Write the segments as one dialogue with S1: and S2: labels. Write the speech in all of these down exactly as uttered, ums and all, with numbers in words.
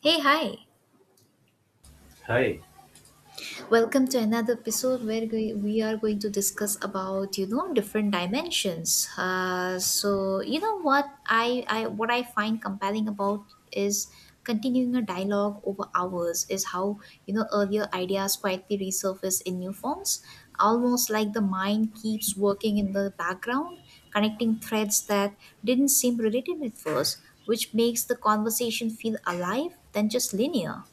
S1: Hey, hi.
S2: Hi.
S1: Welcome to another episode where we we are going to discuss about, you know, different dimensions. Uh, so, you know what I, I what I find compelling about is continuing a dialogue over hours is how, you know, earlier ideas quietly resurface in new forms, almost like the mind keeps working in the background, connecting threads that didn't seem related at first, which makes the conversation feel alive than just linear.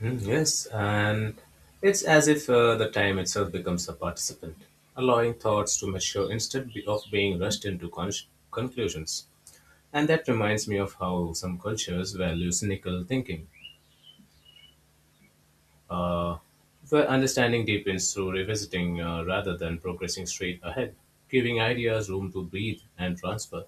S2: Mm, yes, and it's as if uh, the time itself becomes a participant, allowing thoughts to mature instead be- of being rushed into con- conclusions. And that reminds me of how some cultures value cynical thinking, uh, where understanding deepens through revisiting uh, rather than progressing straight ahead, giving ideas room to breathe and transfer.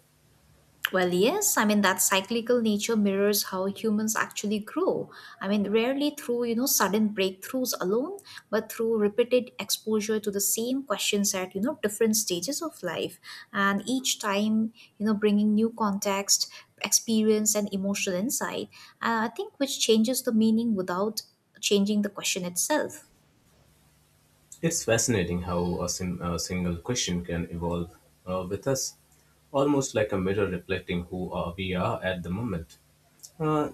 S1: Well, yes, I mean that cyclical nature mirrors how humans actually grow. I mean, rarely through, you know, sudden breakthroughs alone, but through repeated exposure to the same questions at, you know, different stages of life. And each time, you know, bringing new context, experience, and emotional insight, uh, I think which changes the meaning without changing the question itself.
S2: It's fascinating how a, sim- a single question can evolve uh, with us, almost like a mirror reflecting who uh, we are at the moment. Uh,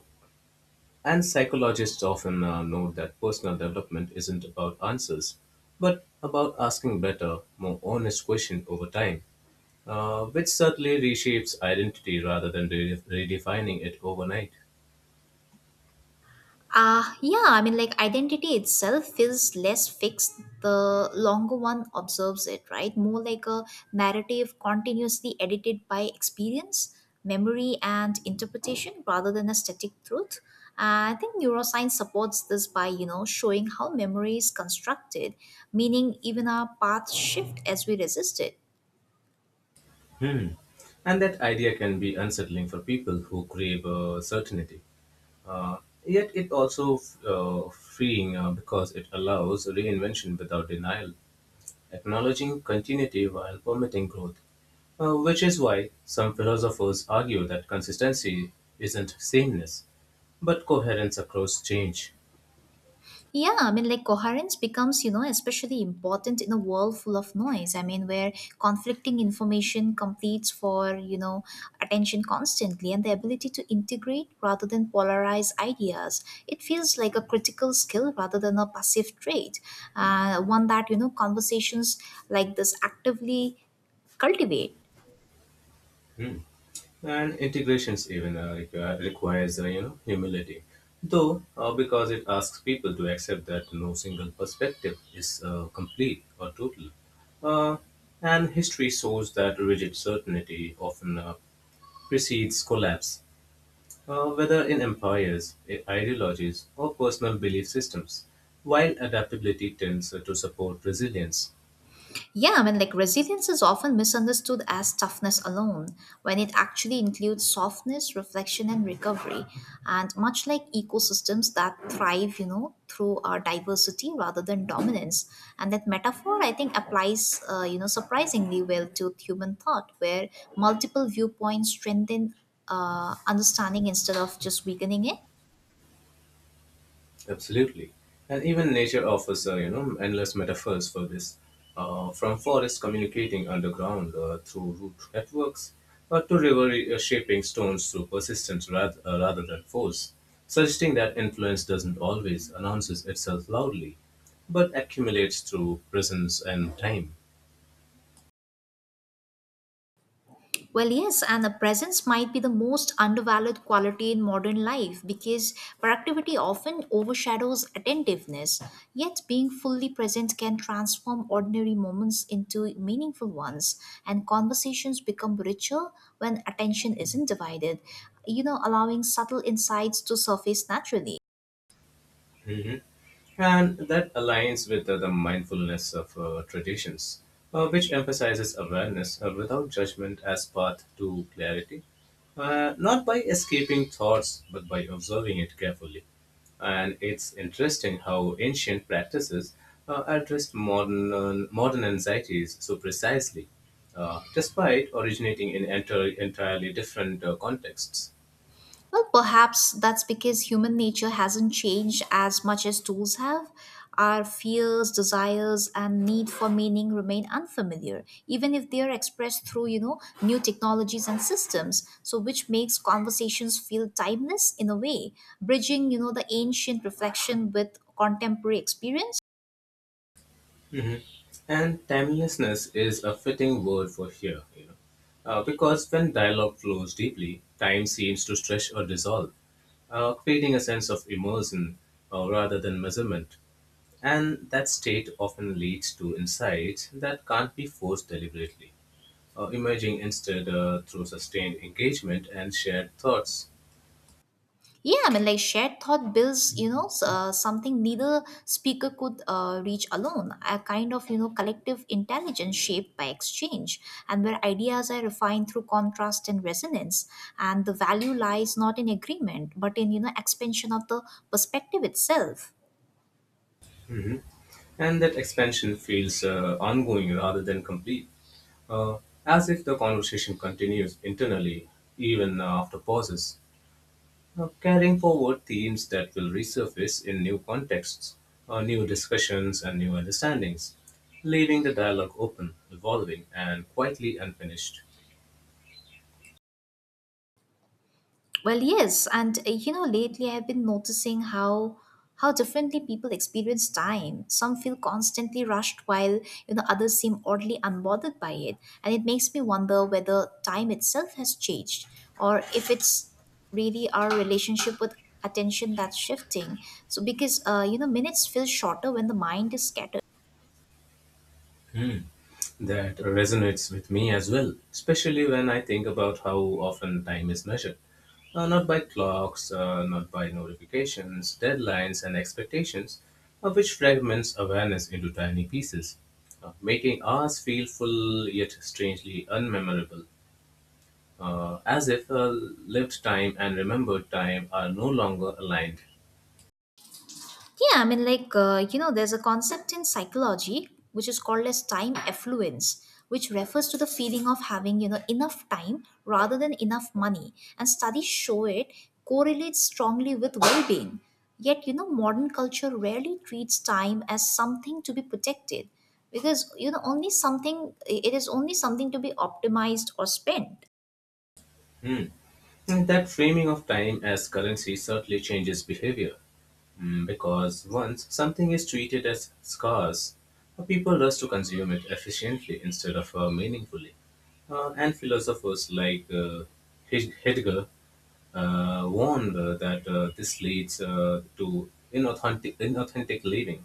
S2: and psychologists often uh, note that personal development isn't about answers, but about asking better, more honest questions over time, uh, which certainly reshapes identity rather than re- redefining it overnight.
S1: Uh, yeah, I mean, like identity itself feels less fixed the longer one observes it, right? More like a narrative continuously edited by experience, memory, and interpretation rather than a static truth. Uh, I think neuroscience supports this by, you know, showing how memory is constructed, meaning even our paths shift as we resist it.
S2: Hmm. And that idea can be unsettling for people who crave uh, certainty. Uh, Yet it also uh, freeing uh, because it allows reinvention without denial, acknowledging continuity while permitting growth, uh, which is why some philosophers argue that consistency isn't sameness, but coherence across change.
S1: Yeah, I mean, like coherence becomes, you know, especially important in a world full of noise. I mean, where conflicting information competes for, you know, attention constantly and the ability to integrate rather than polarize ideas. It feels like a critical skill rather than a passive trait, uh, one that, you know, conversations like this actively cultivate.
S2: Hmm. And integrations even uh, require, requires uh, you know humility though uh, because it asks people to accept that no single perspective is uh, complete or total, uh, and history shows that rigid certainty often uh, precedes collapse, uh, whether in empires, i- ideologies, or personal belief systems, while adaptability tends uh, to support resilience.
S1: Yeah, I mean, like resilience is often misunderstood as toughness alone, when it actually includes softness, reflection, and recovery. And much like ecosystems that thrive, you know, through our diversity rather than dominance. And that metaphor, I think, applies, uh, you know, surprisingly well to human thought, where multiple viewpoints strengthen uh, understanding instead of just weakening it.
S2: Absolutely. And even nature offers, uh, you know, endless metaphors for this. Uh, from forests communicating underground uh, through root networks, uh, to river uh, shaping stones through persistence rather, uh, rather than force, suggesting that influence doesn't always announces itself loudly, but accumulates through presence and time.
S1: Well, yes, and the presence might be the most undervalued quality in modern life because productivity often overshadows attentiveness. Yet, being fully present can transform ordinary moments into meaningful ones, and conversations become richer when attention isn't divided, you know, allowing subtle insights to surface naturally.
S2: Mhm. And that aligns with uh, the mindfulness of uh, traditions, uh, which emphasizes awareness uh, without judgment as path to clarity, uh, not by escaping thoughts but by observing it carefully. And it's interesting how ancient practices uh, addressed modern uh, modern anxieties so precisely, uh, despite originating in enter- entirely different uh, contexts.
S1: Well, perhaps that's because human nature hasn't changed as much as tools have. Our fears, desires, and need for meaning remain unfamiliar, even if they are expressed through, you know, new technologies and systems. So, which makes conversations feel timeless in a way, bridging, you know, the ancient reflection with contemporary experience.
S2: Mhm. And timelessness is a fitting word for here, you know, uh, because when dialogue flows deeply, time seems to stretch or dissolve, uh, creating a sense of immersion uh, rather than measurement. And that state often leads to insights that can't be forced deliberately, uh, emerging instead uh, through sustained engagement and shared thoughts.
S1: Yeah, I mean, like shared thought builds, you know, s- uh, something neither speaker could uh, reach alone. A kind of, you know, collective intelligence shaped by exchange, and where ideas are refined through contrast and resonance. And the value lies not in agreement, but in, you know, expansion of the perspective itself.
S2: And that expansion feels uh, ongoing rather than complete, uh, as if the conversation continues internally even uh, after pauses, uh, carrying forward themes that will resurface in new contexts, uh, new discussions, and new understandings, leaving the dialogue open, evolving, and quietly unfinished.
S1: Well, yes, and uh, you know, lately I've been noticing how how differently people experience time. Some feel constantly rushed, while you know others seem oddly unbothered by it, and it makes me wonder whether time itself has changed, or if it's really our relationship with attention that's shifting. So, because uh, you know, minutes feel shorter when the mind is scattered.
S2: That resonates with me as well, especially when I think about how often time is measured. Uh, not by clocks, uh, not by notifications, deadlines, and expectations, uh, which fragments awareness into tiny pieces, uh, making ours feel full yet strangely unmemorable, uh, as if uh, lived time and remembered time are no longer aligned.
S1: Yeah, I mean, like, uh, you know, there's a concept in psychology which is called as time affluence, which refers to the feeling of having, you know, enough time rather than enough money. And studies show it correlates strongly with well being. Yet, you know, modern culture rarely treats time as something to be protected because, you know, only something, it is only something to be optimized or spent.
S2: Hmm. And that framing of time as currency certainly changes behavior. Mm, because once something is treated as scarce, uh, people rush to consume it efficiently instead of uh, meaningfully. Uh, and philosophers like uh, Hed- Heidegger uh, warned uh, that uh, this leads uh, to inauthentic, inauthentic living,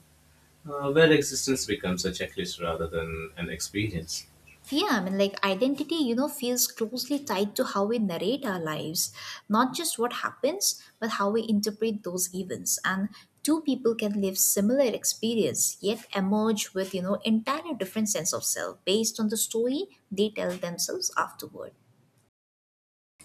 S2: uh, where existence becomes a checklist rather than an experience.
S1: Yeah, I mean, like identity, you know, feels closely tied to how we narrate our lives, not just what happens, but how we interpret those events. And two people can live similar experience yet emerge with, you know, entire different sense of self based on the story they tell themselves afterward.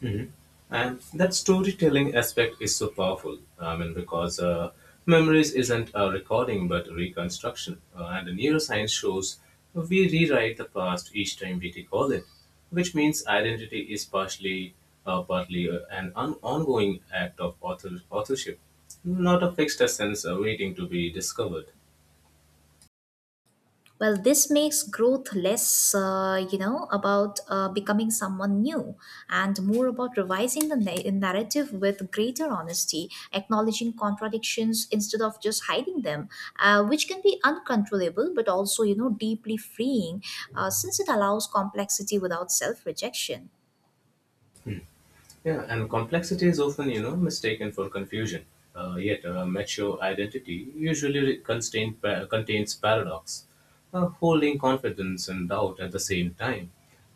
S2: Mhm. And that storytelling aspect is so powerful. I mean, because uh, memories isn't a recording but a reconstruction. Uh, and the neuroscience shows we rewrite the past each time we recall it, which means identity is partially, uh, partly uh, an on- ongoing act of author- authorship, not a fixed essence uh, waiting to be discovered.
S1: Well, this makes growth less, uh, you know, about uh, becoming someone new and more about revising the na- narrative with greater honesty, acknowledging contradictions instead of just hiding them, uh, which can be uncontrollable but also, you know, deeply freeing uh, since it allows complexity without self rejection.
S2: Yeah, and complexity is often, you know, mistaken for confusion. Uh, yet, a mature identity usually re- contain, pa- contains paradox, uh, holding confidence and doubt at the same time.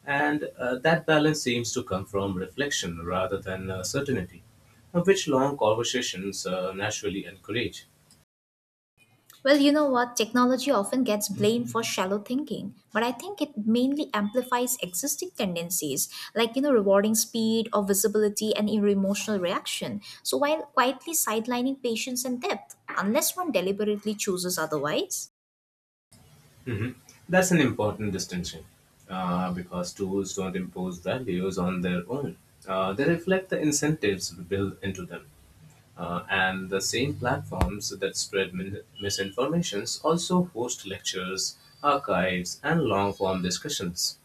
S2: And uh, that balance seems to come from reflection rather than uh, certainty, uh, which long conversations uh, naturally encourage.
S1: Well, you know what? Technology often gets blamed for shallow thinking, but I think it mainly amplifies existing tendencies, like, you know, rewarding speed or visibility and your emotional reaction. So while quietly sidelining patience and depth, unless one deliberately chooses otherwise.
S2: Mhm. That's an important distinction uh, because tools don't impose values on their own, uh, they reflect the incentives built into them. Uh, and the same platforms that spread min- misinformations also host lectures, archives, and long form discussions.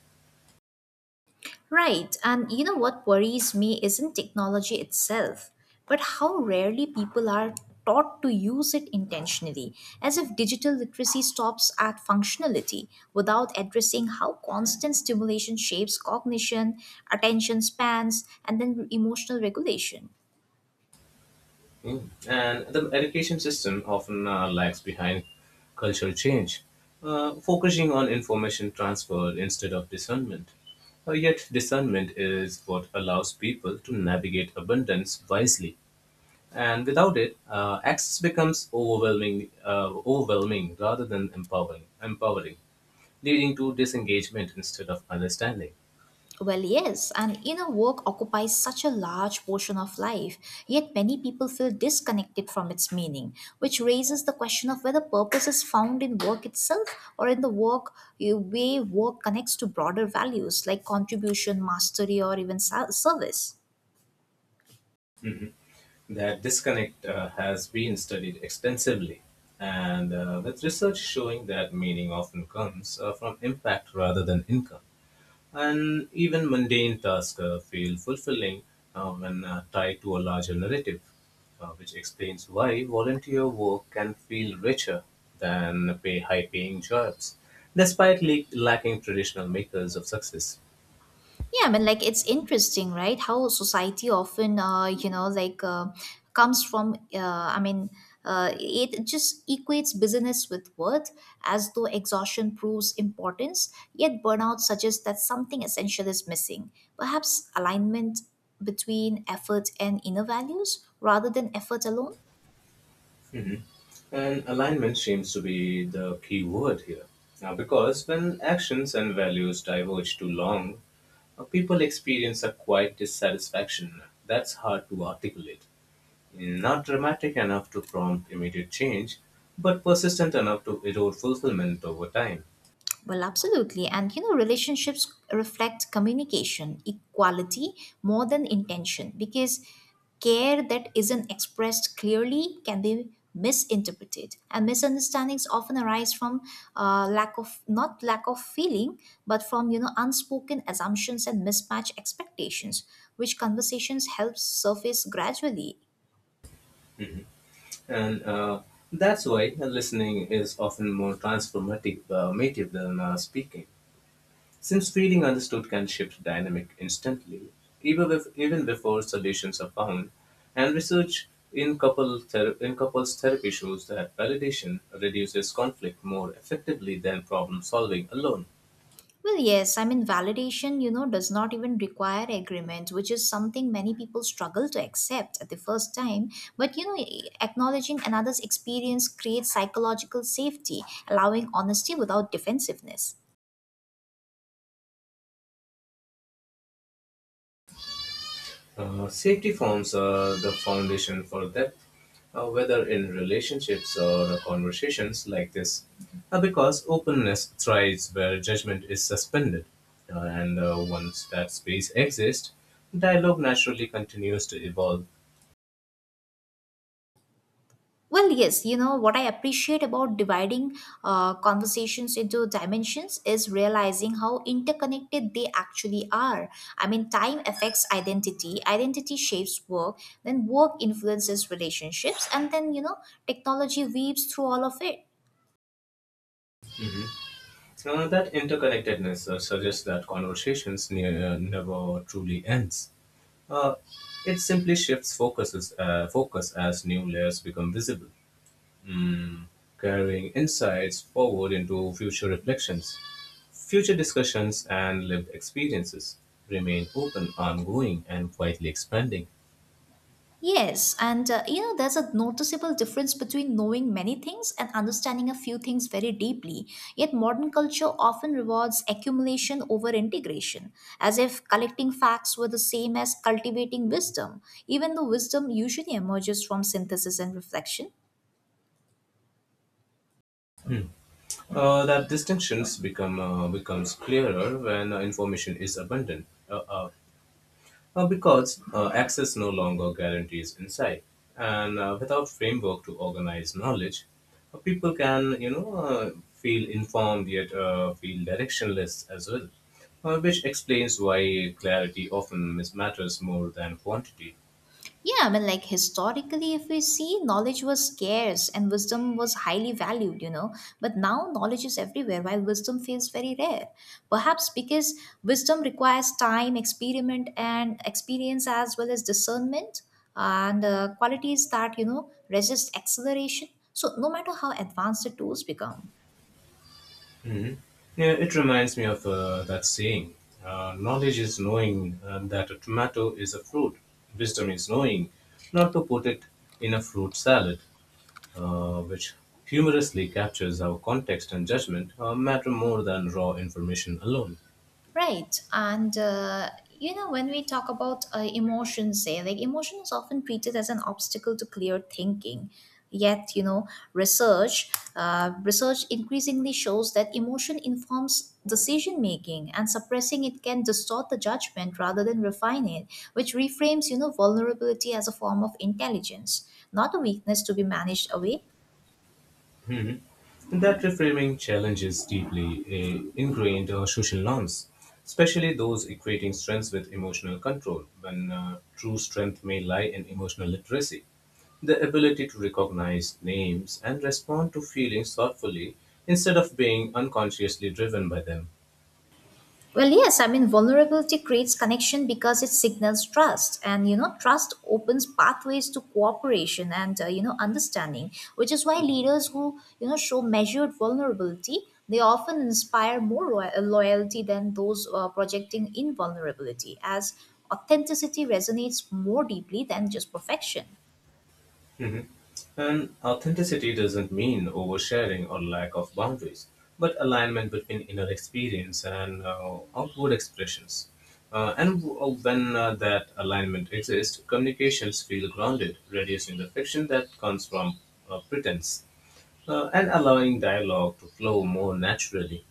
S1: Right, and you know what worries me isn't technology itself, but how rarely people are taught to use it intentionally, as if digital literacy stops at functionality without addressing how constant stimulation shapes cognition, attention spans, and then emotional regulation.
S2: Mm. And the education system often uh, lags behind cultural change, uh, focusing on information transfer instead of discernment. Uh, yet, discernment is what allows people to navigate abundance wisely. And without it, uh, access becomes overwhelming, uh, overwhelming rather than empowering. empowering. leading to disengagement instead of understanding.
S1: Well, yes, and inner work occupies such a large portion of life, yet many people feel disconnected from its meaning, which raises the question of whether purpose is found in work itself or in the work eh, way work connects to broader values like contribution, mastery, or even ser- service.
S2: That disconnect uh, has been studied extensively, and uh, with research showing that meaning often comes uh, from impact rather than income. And even mundane tasks uh, feel fulfilling uh, when uh, tied to a larger narrative, uh, which explains why volunteer work can feel richer than pay high paying jobs, despite le- lacking traditional makers of success.
S1: Yeah, but like it's interesting, right? How society often, uh, you know, like uh, comes from. Uh, I mean, uh, it just equates business with worth, as though exhaustion proves importance. Yet burnout suggests that something essential is missing. Perhaps alignment between effort and inner values, rather than effort alone.
S2: And alignment seems to be the key word here. Now, because when actions and values diverge too long, uh, people experience a quiet dissatisfaction that's hard to articulate. Not dramatic enough to prompt immediate change, but persistent enough to erode fulfillment over time.
S1: Well, absolutely. And you know, relationships reflect communication, equality more than intention because care that isn't expressed clearly can be misinterpreted and misunderstandings often arise from uh, lack of not lack of feeling but from you know unspoken assumptions and mismatched expectations which conversations help surface gradually.
S2: And uh, that's why listening is often more transformative uh, native than uh, speaking. Since feeling understood can shift dynamic instantly, even, if, even before solutions are found, and research in, couple ther- in couples therapy shows that validation reduces conflict more effectively than problem solving alone.
S1: Well, yes, I mean, validation, you know, does not even require agreement, which is something many people struggle to accept at the first time. But, you know, e, acknowledging another's experience creates psychological safety, allowing honesty without defensiveness.
S2: Uh, safety forms uh, the foundation for depth, uh, whether in relationships or conversations like this, Uh, because openness thrives where judgment is suspended. Uh, and uh, once that space exists, dialogue naturally continues to evolve.
S1: Well, yes, you know, what I appreciate about dividing uh, conversations into dimensions is realizing how interconnected they actually are. I mean, time affects identity, identity shapes work, then work influences relationships, and then, you know, technology weaves through all of it.
S2: Uh, that interconnectedness uh, suggests that conversations ne- uh, never truly ends. Uh, it simply shifts focuses, uh, focus as new layers become visible, carrying insights forward into future reflections. Future discussions and lived experiences remain open, ongoing, and quietly expanding.
S1: Yes, and uh, you know, there's a noticeable difference between knowing many things and understanding a few things very deeply. Yet, modern culture often rewards accumulation over integration, as if collecting facts were the same as cultivating wisdom, even though wisdom usually emerges from synthesis and reflection.
S2: Uh, that distinctions become uh, becomes clearer when uh, information is abundant. Uh, uh, Uh, because uh, access no longer guarantees insight, and uh, without framework to organize knowledge, uh, people can you know uh, feel informed yet uh, feel directionless as well, uh, which explains why clarity often mis- matters more than quantity.
S1: Yeah, I mean, like historically, if we see, knowledge was scarce and wisdom was highly valued, you know. But now knowledge is everywhere while wisdom feels very rare. Perhaps because wisdom requires time, experiment, and experience as well as discernment and uh, qualities that, you know, resist acceleration. So, no matter how advanced the tools become.
S2: Mhm. Yeah, it reminds me of uh, that saying, uh, knowledge is knowing uh, that a tomato is a fruit, wisdom is knowing not to put it in a fruit salad, uh, which humorously captures how context and judgment uh, matter more than raw information alone.
S1: Right. And, uh, you know, when we talk about uh, emotions, say, like emotion is often treated as an obstacle to clear thinking. Yet, you know, research uh, research increasingly shows that emotion informs decision making, and suppressing it can distort the judgment rather than refine it, which reframes, you know, vulnerability as a form of intelligence, not a weakness to be managed away.
S2: And that reframing challenges deeply eh, ingrained uh, social norms, especially those equating strengths with emotional control, when uh, true strength may lie in emotional literacy. The ability to recognize names and respond to feelings thoughtfully instead of being unconsciously driven by them.
S1: Well, yes, I mean, vulnerability creates connection because it signals trust. And, you know, trust opens pathways to cooperation and, uh, you know, understanding, which is why leaders who, you know, show measured vulnerability, they often inspire more lo- uh, loyalty than those uh, projecting invulnerability, as authenticity resonates more deeply than just perfection.
S2: And authenticity doesn't mean oversharing or lack of boundaries, but alignment between inner experience and uh, outward expressions. Uh, and w- uh, when uh, that alignment exists, communications feel grounded, reducing the friction that comes from uh, pretense uh, and allowing dialogue to flow more naturally.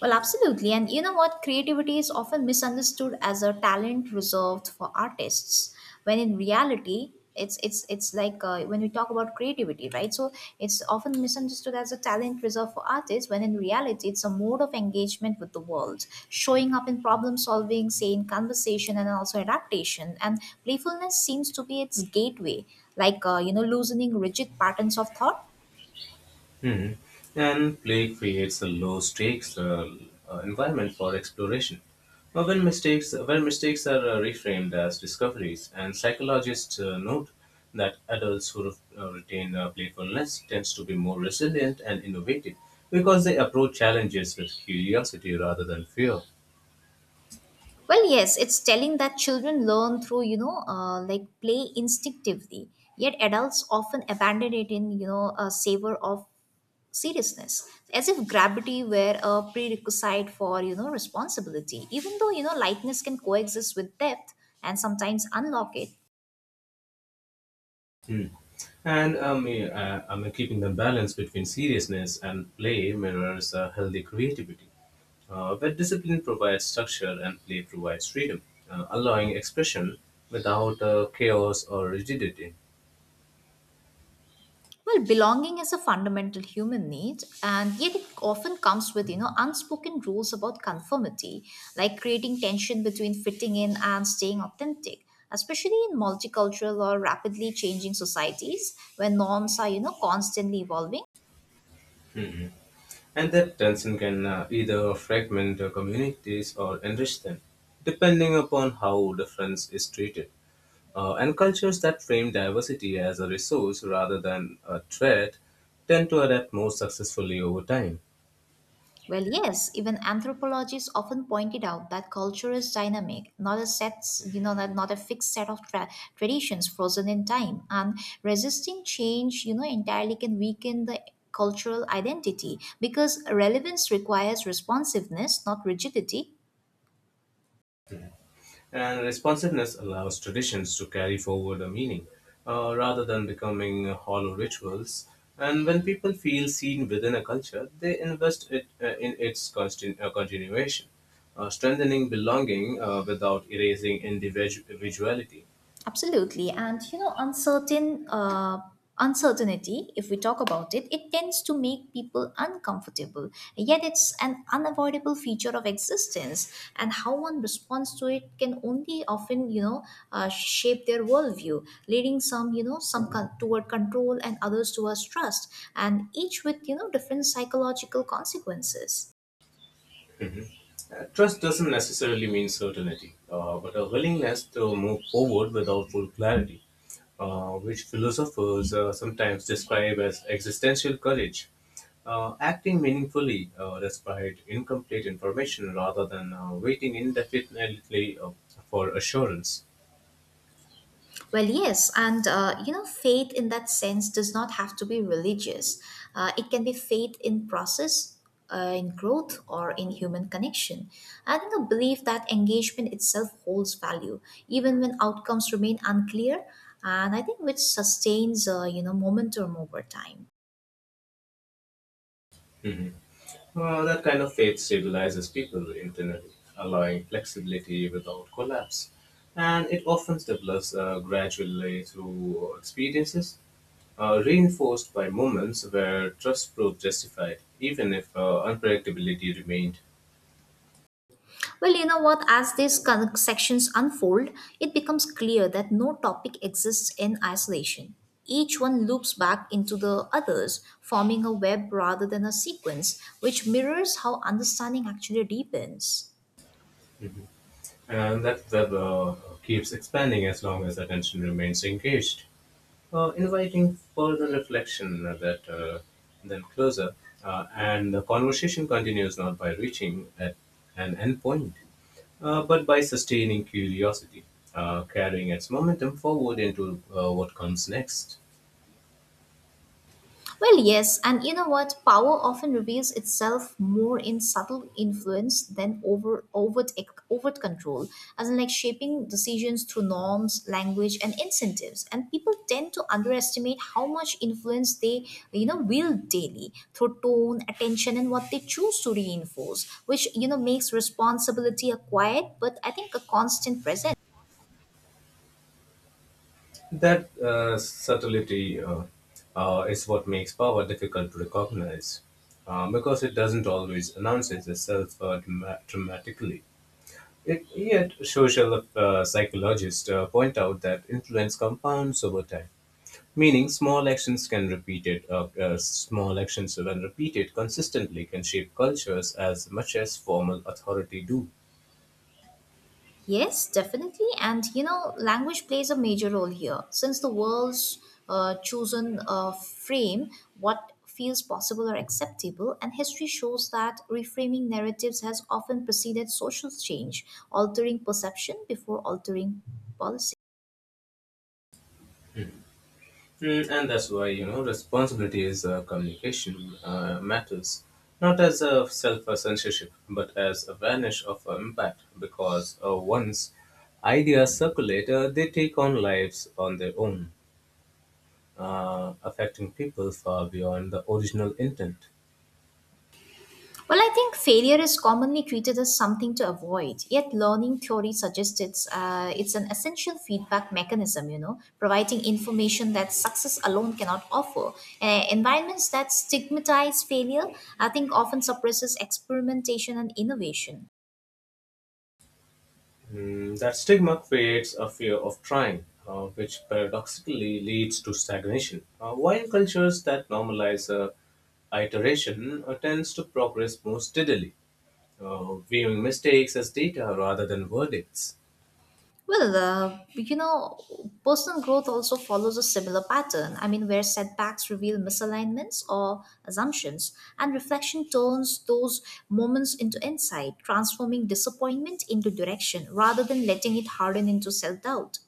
S1: Well, absolutely. And you know what? Creativity is often misunderstood as a talent reserved for artists, when in reality, it's it's it's like uh, when we talk about creativity, right? So it's often misunderstood as a talent reserved for artists, when in reality, it's a mode of engagement with the world, showing up in problem solving, say in conversation, and also adaptation. And playfulness seems to be its gateway, like uh, you know, loosening rigid patterns of thought.
S2: Hmm. And play creates a low stakes uh, uh, environment for exploration. Uh, When mistakes, when mistakes are uh, reframed as discoveries, and psychologists uh, note that adults who re- uh, retain uh, playfulness tends to be more resilient and innovative because they approach challenges with curiosity rather than fear.
S1: Well, yes, it's telling that children learn through, you know, uh, like play instinctively. Yet adults often abandon it in, you know, a savor of seriousness, as if gravity were a prerequisite for, you know, responsibility. Even though, you know, lightness can coexist with depth and sometimes unlock it.
S2: Hmm. And um, yeah, uh, I mean, keeping the balance between seriousness and play mirrors uh, healthy creativity. Uh, but discipline provides structure and play provides freedom, uh, allowing expression without uh, chaos or rigidity.
S1: Well, belonging is a fundamental human need, and yet it often comes with, you know, unspoken rules about conformity, like creating tension between fitting in and staying authentic, especially in multicultural or rapidly changing societies where norms are, you know, constantly evolving.
S2: And that tension can uh, either fragment uh, communities or enrich them, depending upon how difference is treated. Uh, and cultures that frame diversity as a resource rather than a threat tend to adapt more successfully over time.
S1: Well, yes, even anthropologists often pointed out that culture is dynamic, not a set, you know, not, not a fixed set of tra- traditions frozen in time. And resisting change, you know, entirely can weaken the cultural identity because relevance requires responsiveness, not rigidity.
S2: And responsiveness allows traditions to carry forward a meaning uh, rather than becoming hollow rituals. And when people feel seen within a culture, they invest it uh, in its constant, uh, continuation, uh, strengthening belonging uh, without erasing individu- individuality.
S1: Absolutely. And you know, uncertain uh, uncertainty, if we talk about it, it tends to make people uncomfortable. Yet it's an unavoidable feature of existence. And how one responds to it can only often, you know, uh, shape their worldview, leading some, you know, some con- toward control and others towards trust, and each with, you know, different psychological consequences.
S2: Uh, Trust doesn't necessarily mean certainty, uh, but a willingness to move forward without full clarity, uh, which philosophers uh, sometimes describe as existential courage. Uh, acting meaningfully uh, despite incomplete information rather than uh, waiting indefinitely uh, for assurance.
S1: Well, yes, and uh, you know, faith in that sense does not have to be religious. Uh, it can be faith in process, uh, in growth, or in human connection. And you know, belief that engagement itself holds value, even when outcomes remain unclear. And I think which sustains, uh, you know, momentum over time.
S2: Uh, that kind of faith stabilizes people internally, allowing flexibility without collapse. And it often develops uh, gradually through experiences, uh, reinforced by moments where trust proved justified, even if uh, unpredictability remained.
S1: Well, you know what? As these con- sections unfold, it becomes clear that no topic exists in isolation. Each one loops back into the others, forming a web rather than a sequence, which mirrors how understanding actually deepens.
S2: And that web uh, keeps expanding as long as attention remains engaged, uh, inviting further reflection uh, that uh, then closer, uh, and the conversation continues not by reaching at an end point, uh, but by sustaining curiosity, uh, carrying its momentum forward into uh, what comes next.
S1: Well, yes, and you know what? Power often reveals itself more in subtle influence than over overt e, overt control, as in like shaping decisions through norms, language, and incentives. And people tend to underestimate how much influence they you know wield daily through tone, attention, and what they choose to reinforce, which you know makes responsibility a quiet, but I think a constant presence.
S2: That uh, subtlety uh, uh, is what makes power difficult to recognize, uh, because it doesn't always announce itself uh, dramatically. It, yet, social uh, psychologists uh, point out that influence compounds over time, meaning small actions can repeated, uh, uh, small actions when repeated consistently can shape cultures as much as formal authority do.
S1: Yes, definitely. And you know, language plays a major role here. Since the world's uh, chosen uh, frame what feels possible or acceptable, and history shows that reframing narratives has often preceded social change, altering perception before altering policy.
S2: Mm, and that's why you know responsibility is uh, communication uh, matters, not as a self censorship, but as awareness of uh, impact. Because uh, once ideas circulate, uh, they take on lives on their own, uh, affecting people far beyond the original intent.
S1: Well, I think failure is commonly treated as something to avoid, yet learning theory suggests it's, uh, it's an essential feedback mechanism, you know, providing information that success alone cannot offer. Uh, environments that stigmatize failure, I think, often suppresses experimentation and innovation.
S2: Mm, that stigma creates a fear of trying, uh, which paradoxically leads to stagnation. Uh, while cultures that normalize uh, iteration uh, tends to progress more steadily, uh, viewing mistakes as data rather than verdicts.
S1: Well, uh, you know, personal growth also follows a similar pattern. I mean, where setbacks reveal misalignments or assumptions, and reflection turns those moments into insight, transforming disappointment into direction rather than letting it harden into self doubt.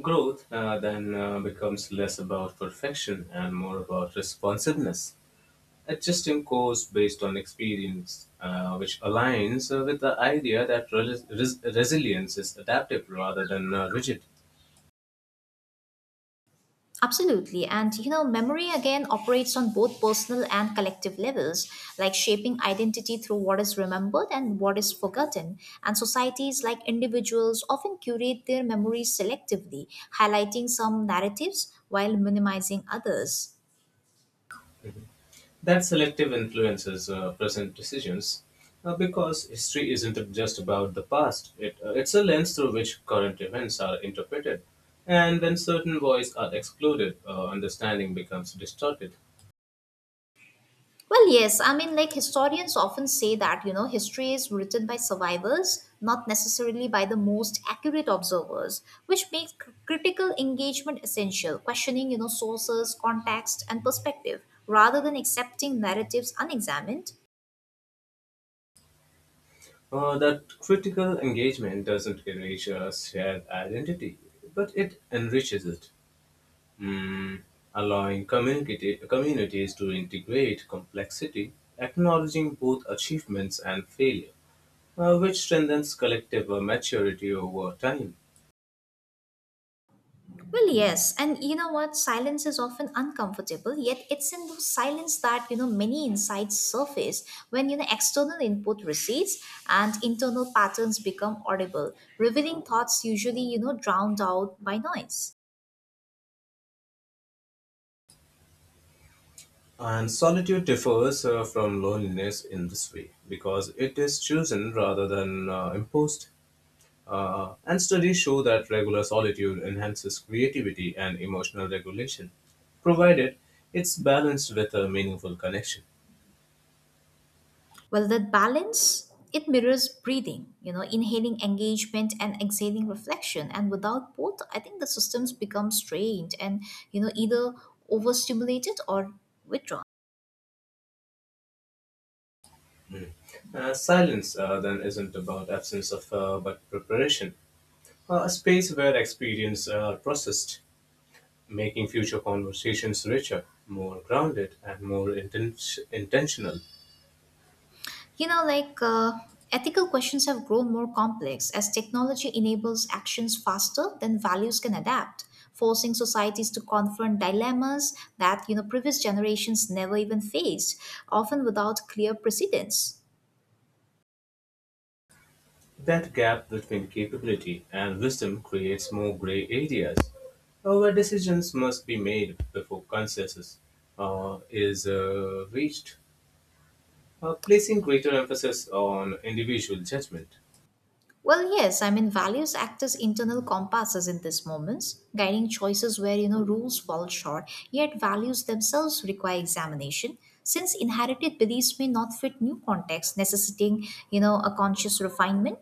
S2: Growth uh, then uh, becomes less about perfection and more about responsiveness, adjusting course based on experience, uh, which aligns uh, with the idea that res- res- resilience is adaptive rather than uh, rigid.
S1: Absolutely. And you know, memory again operates on both personal and collective levels, like shaping identity through what is remembered and what is forgotten. And societies, like individuals, often curate their memories selectively, highlighting some narratives while minimizing others.
S2: That selective influences uh, present decisions uh, because history isn't just about the past, it, uh, it's a lens through which current events are interpreted. And when certain voices are excluded, uh, understanding becomes distorted.
S1: Well, yes. I mean, like historians often say that, you know, history is written by survivors, not necessarily by the most accurate observers, which makes cr- critical engagement essential, questioning, you know, sources, context, and perspective, rather than accepting narratives unexamined.
S2: Uh, that critical engagement doesn't erase a shared identity, but it enriches it. Mm, allowing community, communities to integrate complexity, acknowledging both achievements and failure, uh, which strengthens collective uh, maturity over time.
S1: Well, yes. And you know what? Silence is often uncomfortable, yet it's in those silence that, you know, many insights surface when, you know, external input recedes and internal patterns become audible, revealing thoughts usually, you know, drowned out by noise.
S2: And solitude differs uh, from loneliness in this way because it is chosen rather than uh, imposed. Uh, and studies show that regular solitude enhances creativity and emotional regulation, provided it's balanced with a meaningful connection.
S1: Well, that balance, it mirrors breathing, you know, inhaling engagement and exhaling reflection. And without both, I think the systems become strained and, you know, either overstimulated or withdrawn.
S2: Uh, silence uh, then isn't about absence of uh, but preparation, uh, a space where experience uh, are processed, making future conversations richer, more grounded, and more inten- intentional.
S1: You know, like uh, ethical questions have grown more complex as technology enables actions faster than values can adapt, forcing societies to confront dilemmas that, you know, previous generations never even faced, often without clear precedents.
S2: That gap between capability and wisdom creates more gray areas uh, where decisions must be made before consensus uh, is uh, reached, uh, placing greater emphasis on individual judgment.
S1: Well, yes, I mean, values act as internal compasses in these moments, guiding choices where, you know, rules fall short, yet values themselves require examination, since inherited beliefs may not fit new contexts, necessitating, you know, a conscious refinement.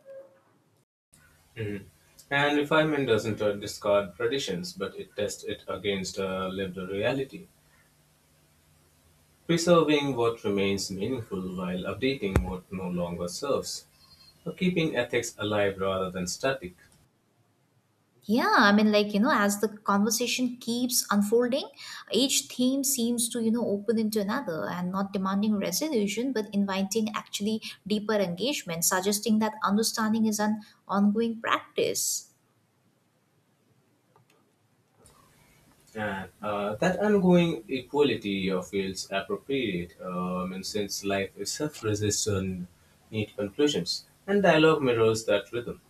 S2: Mm. And refinement doesn't uh, discard traditions, but it tests it against uh, lived reality, preserving what remains meaningful while updating what no longer serves, or keeping ethics alive rather than static.
S1: Yeah, I mean, like, you know, as the conversation keeps unfolding, each theme seems to, you know, open into another and not demanding resolution, but inviting actually deeper engagement, suggesting that understanding is an ongoing practice.
S2: And uh, that ongoing equality uh, feels appropriate, um, and since life itself resists on neat conclusions, and dialogue mirrors that rhythm.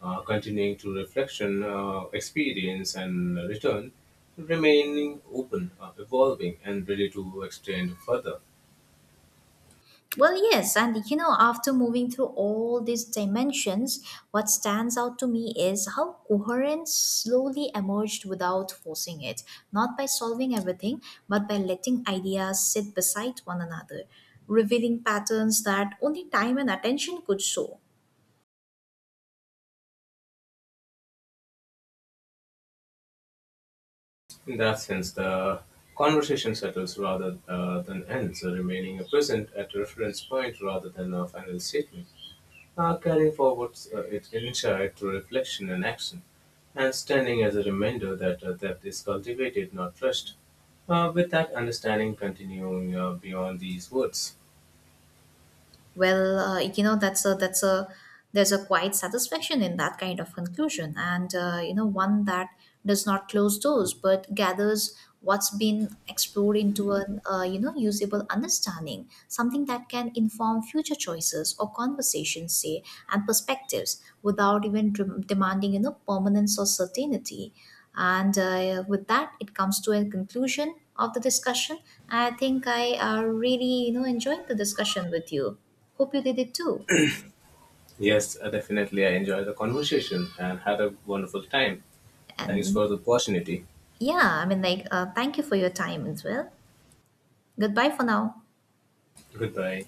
S2: Uh, continuing to reflection, uh, experience, and return, remaining open, uh, evolving, and ready to extend further.
S1: Well, yes, and you know, after moving through all these dimensions, what stands out to me is how coherence slowly emerged without forcing it, not by solving everything, but by letting ideas sit beside one another, revealing patterns that only time and attention could show.
S2: In that sense, the conversation settles rather uh, than ends, remaining a present at a reference point rather than a final statement. Uh, carrying forwards uh, its insight through reflection and action, and standing as a reminder that uh, depth is cultivated, not rushed. Uh, with that understanding continuing uh, beyond these words.
S1: Well, uh, you know that's a that's a there's a quiet satisfaction in that kind of conclusion, and uh, you know one that does not close doors but gathers what's been explored into an uh, you know usable understanding, something that can inform future choices or conversations, say, and perspectives without even dem- demanding you know permanence or certainty. And uh, with that, it comes to a conclusion of the discussion. I think I uh, really you know enjoyed the discussion with you. Hope you did it too.
S2: Yes, uh, definitely, I enjoyed the conversation and had a wonderful time. Thanks
S1: And
S2: for the opportunity.
S1: yeah, I mean, like, uh, thank you for your time as well. Goodbye for now.
S2: Goodbye.